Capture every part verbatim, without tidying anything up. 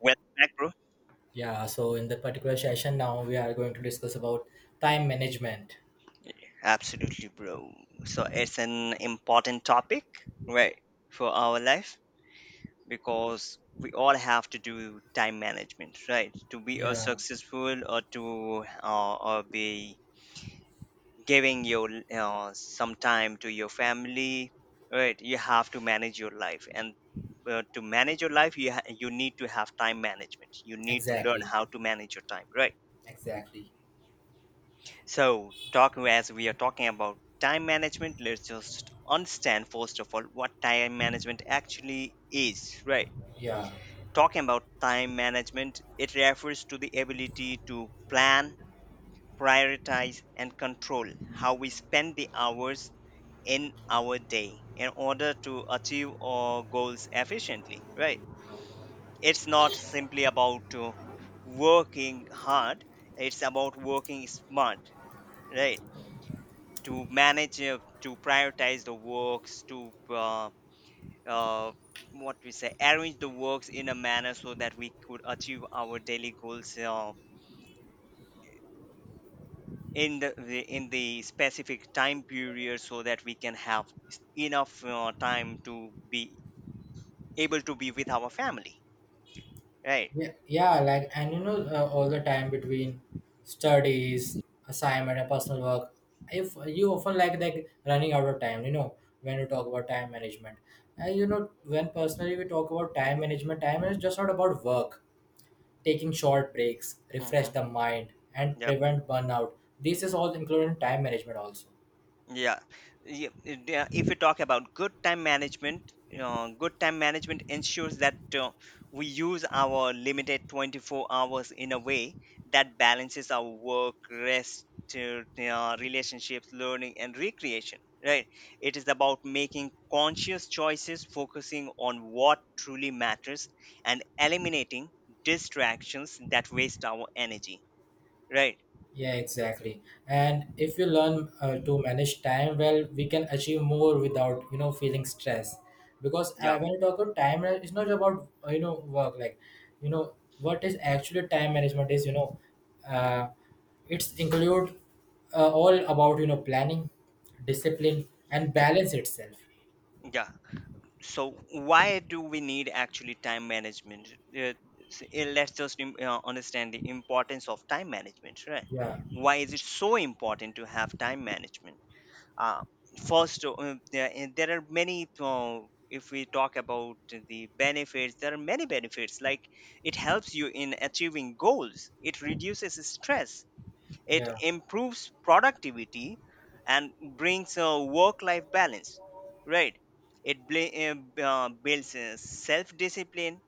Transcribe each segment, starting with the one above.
Welcome back, bro. Yeah, so in the particular session now we are going to discuss about time management. Absolutely, bro. So it's an important topic, right, for our life because we all have to do time management, right? To be a Yeah, successful or to uh, or be giving your uh, some time to your family, right? You have to manage your life, and uh, to manage your life, you ha- you need to have time management. You need to learn exactly. how to manage your time, right? Exactly. So, talking as we are talking about time management, let's just understand first of all what time management actually is, right? Yeah. Talking about time management, it refers to the ability to plan, prioritize, and control how we spend the hours in our day in order to achieve our goals efficiently, right? It's not simply about uh, working hard, it's about working smart, right? to manage uh, to prioritize the works to uh, uh, what we say, arrange the works in a manner so that we could achieve our daily goals uh, in the the- in the specific time period so that we can have s- enough uh, time to be able to be with our family, right. Yeah, yeah, like and you know uh, all the time between studies, assignment and personal work. If you often like like running out of time, you know, when you talk about time management. And you know, when personally we talk about time management, time is just not about work, taking short breaks, refresh Mm-hmm. the mind and Yep. prevent burnout. This is all included in time management also. Yeah. Yeah. it- yeah, If we talk about good time management, uh, good time management ensures that uh, we use our limited twenty-four hours in a way that balances our work, rest, uh, uh, relationships, learning, and recreation. Right. It is about making conscious choices, focusing on what truly matters, and eliminating distractions that waste our energy. Right. Yeah, exactly. And if we learn uh, to manage time well, we can achieve more without you know feeling stress. Because uh, Yeah. when you talk about time, uh, it's not about uh, you know work. Like, you know what is actually time management is. You know, uh, it's include uh, all about you know planning, discipline, and balance itself. Yeah. so why do we need actually time management? Uh, s- eh, let's just im- uh, understand the importance of time management, right? Yeah, Why is it so important to have time management? Uh, first uh, um, there, eh, there are many, uh, if we talk about the benefits, there are many benefits, like it helps you in achieving goals, it reduces stress, it yeah. improves productivity, and brings a work life balance, right? It bla- uh, builds self discipline.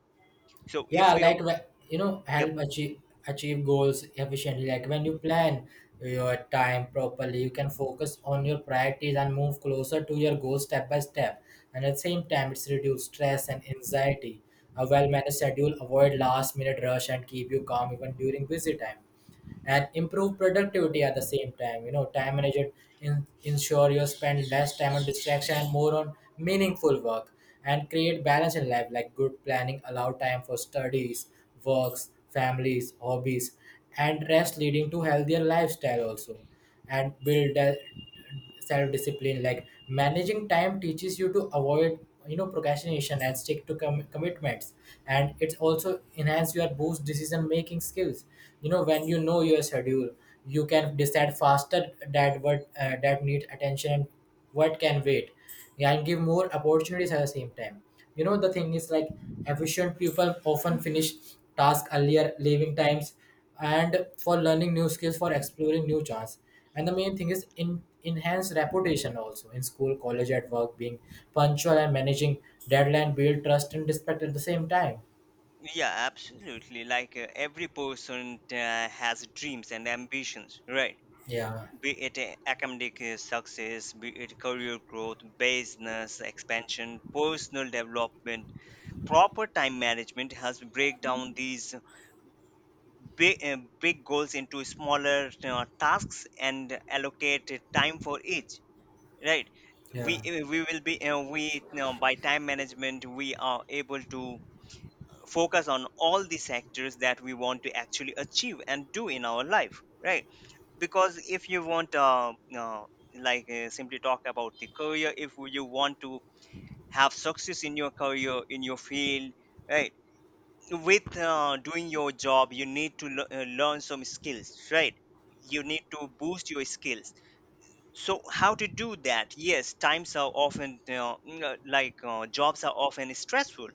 So, if Yeah, we are, like, wh- you know, yep, help achieve achieve goals efficiently. Like when you plan your time properly, you can focus on your priorities and move closer to your goals step by step. And at the same time, it's reduce stress and anxiety. A well-managed schedule avoid last-minute rush and keep you calm even during busy time, and improve productivity at the same time. You know time management, in, ensure you spend less time on distraction and more on meaningful work, and create balance in life. Like, good planning allow time for studies, works, families, hobbies, and rest, leading to healthier lifestyle also. And build a self-discipline. Like, managing time teaches you to avoid you know procrastination and stick to com- commitments. And it's also enhance your boost decision making skills. You know when you know your schedule, you can decide faster that what uh, that needs attention and what can wait. Yeah, and give more opportunities at the same time. You know the thing is, like, efficient people often finish tasks earlier, leaving times, and for learning new skills, for exploring new chance. And the main thing is in enhance reputation also in school, college, at work, being punctual and managing deadline build trust and respect at the same time. yeah, absolutely. Like uh, every person uh, has dreams and ambitions, right? Yeah, Be it uh, academic uh, success, be it career growth, business expansion, personal development, proper time management helps break down these big, uh, big goals into smaller uh, tasks and allocate time for each, right. yeah, We we will be uh, we, you know, by time management we are able to focus on all the sectors that we want to actually achieve and do in our life, right? Because if you want, uh, uh, like uh, simply talk about the career, if you want to have success in your career in your field, right, with uh, doing your job, you need to lear- uh, learn some skills, right? You need to boost your skills. So how to do that? Yes, times are often, uh, n- uh, like uh, jobs are often stressful,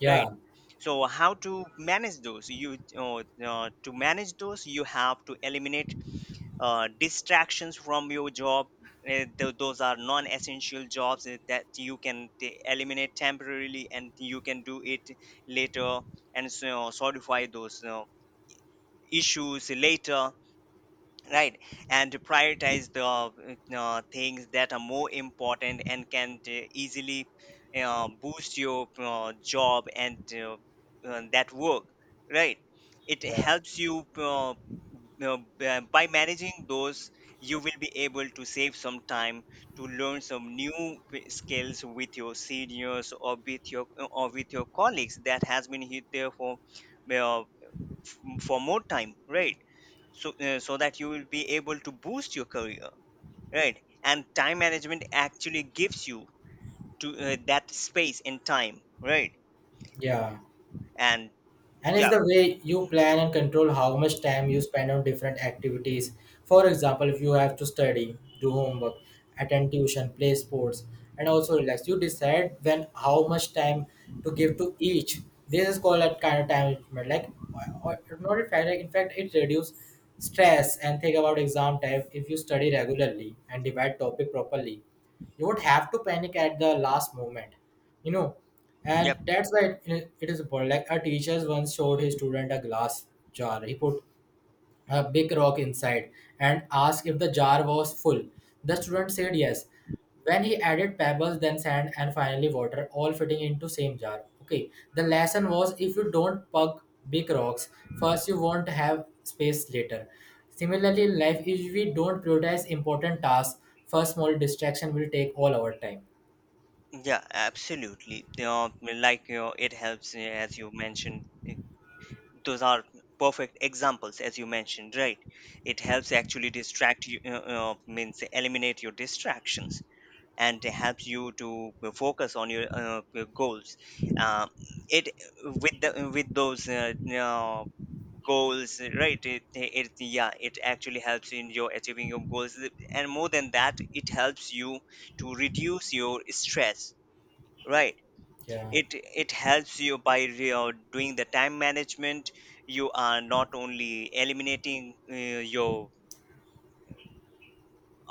yeah, right? So how to manage those? You uh, uh, to manage those, you have to eliminate uh, distractions from your job. Uh, th- those are non-essential jobs uh, that you can t- eliminate temporarily and you can do it later, and so, solidify those uh, issues later, right, and to prioritize the uh, uh, things that are more important and can uh, easily uh, boost your uh, job and uh, uh, that work, right. It yeah, helps you uh, uh, b- by managing those, you will be able to save some time to learn some new p- skills with your seniors or with your or with your colleagues that has been here there for uh, f- for more time, right? So uh, so that you will be able to boost your career, right, and time management actually gives you to uh, that space and time, right, yeah. and And it's yeah, the way you plan and control how much time you spend on different activities. For example, if you have to study, do homework, attend tuition, play sports, and also relax, you decide when how much time to give to each. This is called a kind of time management. Like, or or not, in fact like, in fact it reduces stress. And think about exam time. If you study regularly and divide topic properly, you would have to panic at the last moment, you know and yep, that's why it, it is important. Like, our teachers once showed his student a glass jar. He put a big rock inside and asked if the jar was full. The student said yes. When he added pebbles, then sand, and finally water, all fitting into same jar. Okay, the lesson was, if you don't pug big rocks first, you won't have space later. Similarly, in life, if we don't prioritize important tasks first, small distraction will take all our time. yeah, absolutely, you know, like you know, it helps, uh, as you mentioned, it- those are perfect examples, as you mentioned, right. It helps actually distract you, uh, uh, means eliminate your distractions and helps you to uh, focus on your, uh, your goals. um, it, with the, with those uh, you goals, right it, it yeah it actually helps in your achieving your goals, and more than that, it helps you to reduce your stress, right. Yeah, it it helps you by, you know, doing the time management, you are not only eliminating uh, your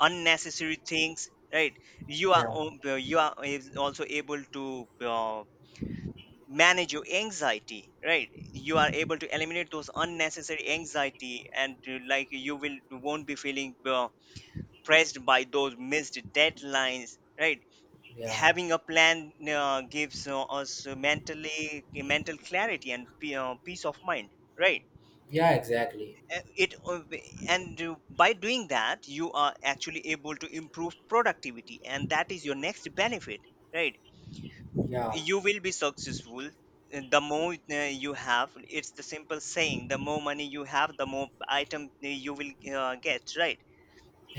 unnecessary things, right, you are yeah, o- uh, you are is also able to uh, manage your anxiety, right. You are able to eliminate those unnecessary anxiety and uh, like you will won't be feeling uh, pressed by those missed deadlines, right. yeah. Having a plan uh, gives uh, us mentally mental clarity and p- uh, peace of mind, right. Yeah, exactly. uh, it uh, and uh, By doing that, you are actually able to improve productivity, and that is your next benefit, right. Yeah, You will be successful, uh, the more uh, you have, it's the simple saying, the more money you have, the more item uh, you will uh, get, right,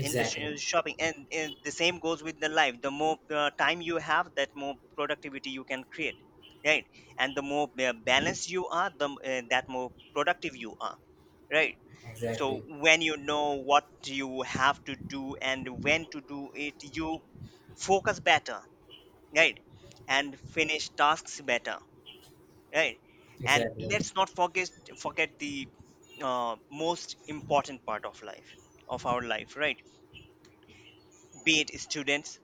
in the sh- uh, shopping, and, and the same goes with the life, the more uh, time you have, that more productivity you can create, right, and the more uh, balanced you are, the m- uh, that more productive you are, right. So Exactly. when you know what you have to do and when to do it, you focus better, right, and finish tasks better, right. And Exactly. let's not forget forget the uh, most important part of life, of our life, right. Be it students,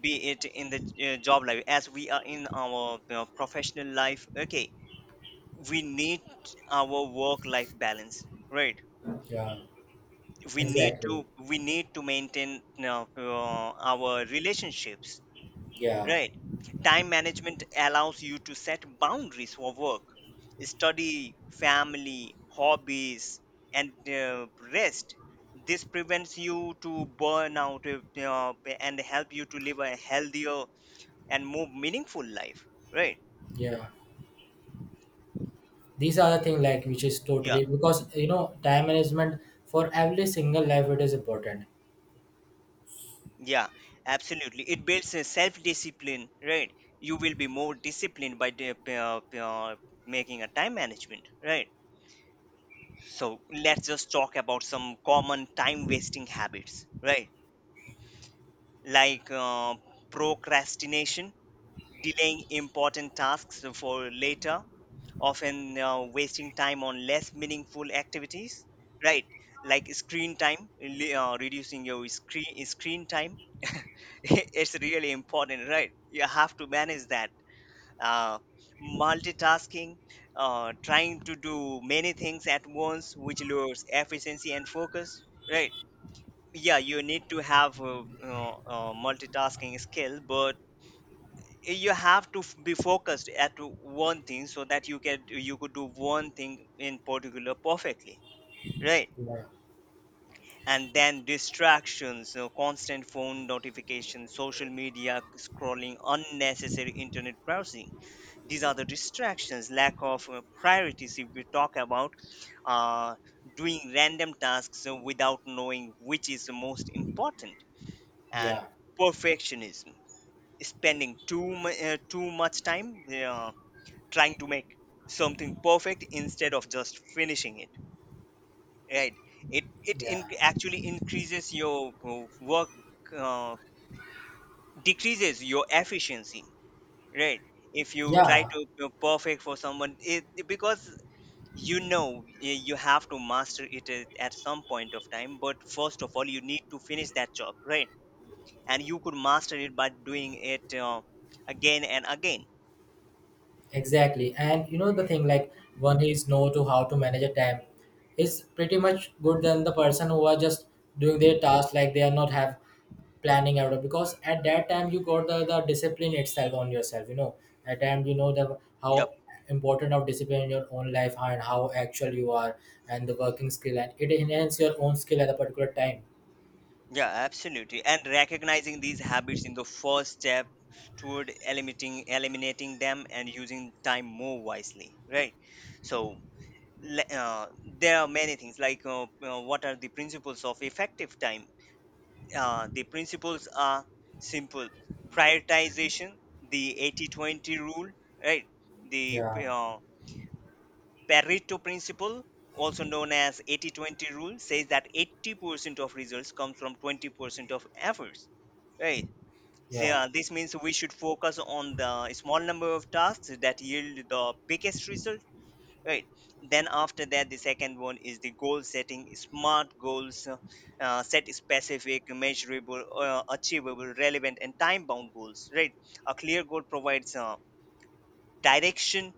be it in the uh, job life, as we are in our uh, professional life, okay, we need our work life balance, right. Yeah, we need exactly. to we need to maintain uh, uh, our relationships, Yeah, right. Time management allows you to set boundaries for work, study, family, hobbies, and uh, rest. This prevents you to burn out, uh, uh, and help you to live a healthier and more meaningful life, right. yeah. These are the thing, like, which is Yeah. totally because you know time management for every single life it is important. Yeah, absolutely. It builds a self-discipline, right? You will be more disciplined by the, uh, uh, making a time management, right? So let's just talk about some common time-wasting habits, right? Like, uh, procrastination, delaying important tasks for later, often uh, wasting time on less meaningful activities, right, like screen time, really, uh, reducing your screen screen time it's really important, right? You have to manage that. uh, Multitasking, uh, trying to do many things at once, which lowers efficiency and focus, right. Yeah, you need to have uh, uh, uh, multitasking skill, but you have to f- be focused at one thing, so that you can you could do one thing in particular perfectly, right. Yeah, And then distractions, you know, constant phone notifications, social media scrolling, unnecessary internet browsing, these are the distractions. Lack of uh, priorities, if we talk about uh, doing random tasks uh, without knowing which is the most important, and yeah, perfectionism, spending too mu- uh, too much time uh, trying to make something perfect instead of just finishing it, right. it it in, yeah, Actually, increases your uh, work, uh, decreases your efficiency, right. If you try yeah. to be perfect for someone, it, because you know, y- you have to master it at at some point of time, but first of all you need to finish that job, right, and you could master it by doing it uh, again and again. Exactly. And you know the thing, like, one is know to how to manage a time is pretty much good than the person who are just doing their task, like they are not have planning out of because at that time you got the, the discipline itself on yourself, you know. At time you know the Yep. how important of discipline in your own life and how actual you are, and the working skill, and it enhance your own skill at a particular time. Yeah, absolutely. And recognizing these habits in the first step toward eliminating eliminating them and using time more wisely, right? So le- uh, there are many things, like, uh, uh, what are the principles of effective time? Uh, the principles are simple: prioritization, the eighty twenty rule, right? The Yeah. uh, Pareto principle, also known as eighty twenty rule, says that eighty percent of results comes from twenty percent of efforts. Right. So Yeah. yeah, this means we should focus on the small number of tasks that yield the biggest result. Right. Then after that, the second one is the goal setting. Smart goals, uh, uh, set specific, measurable, uh, achievable, relevant, and time-bound goals. Right. A clear goal provides uh, direction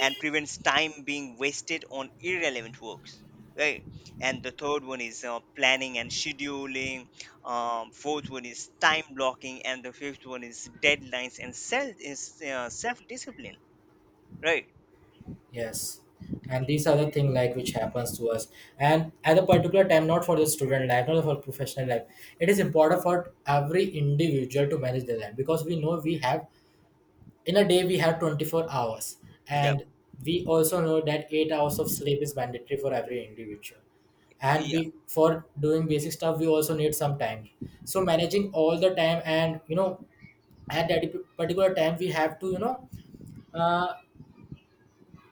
and prevents time being wasted on irrelevant works, right, and the third one is uh, planning and scheduling. Um, fourth one is time blocking, and the fifth one is deadlines and self is uh, self discipline, right. Yes. And these are the thing, like, which happens to us. And at a particular time, not for the student life, not for professional life, it is important for every individual to manage their life because we know we have in a day we have twenty-four hours. Yeah, And we also know that eight hours of sleep is mandatory for every individual. And yeah, we for doing basic stuff we also need some time. So managing all the time, and you know at that particular time, we have to, you know, uh,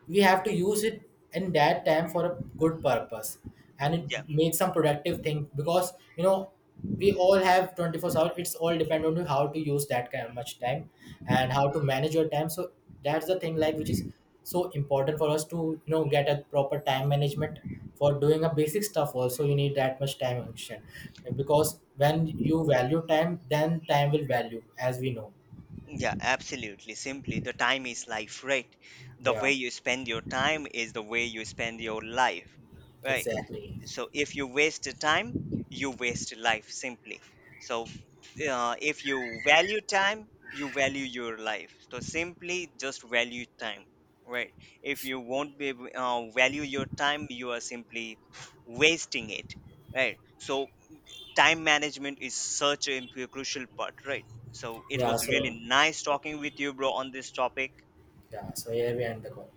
we have to use it in that time for a good purpose, and it yeah, makes some productive thing. Because you know we all have twenty-four hours. It's all depend on you how to use that kind of much time and how to manage your time. So that's the thing, like, which is so important for us to you know get a proper time management. For doing a basic stuff also, you need that much time action. Because when you value time, then time will value, as we know. yeah, absolutely, simply the time is life, right. The Yeah, way you spend your time is the way you spend your life, right. exactly. So if you waste time, you waste life, simply. So, uh, if you value time, you value your life. So simply just value time, right. If you won't be able- uh, value your time, you are simply wasting it, right. So time management is such a imp- crucial part, right. So it Yeah, was really so, nice talking with you, bro, on this topic. yeah, so here we end the call.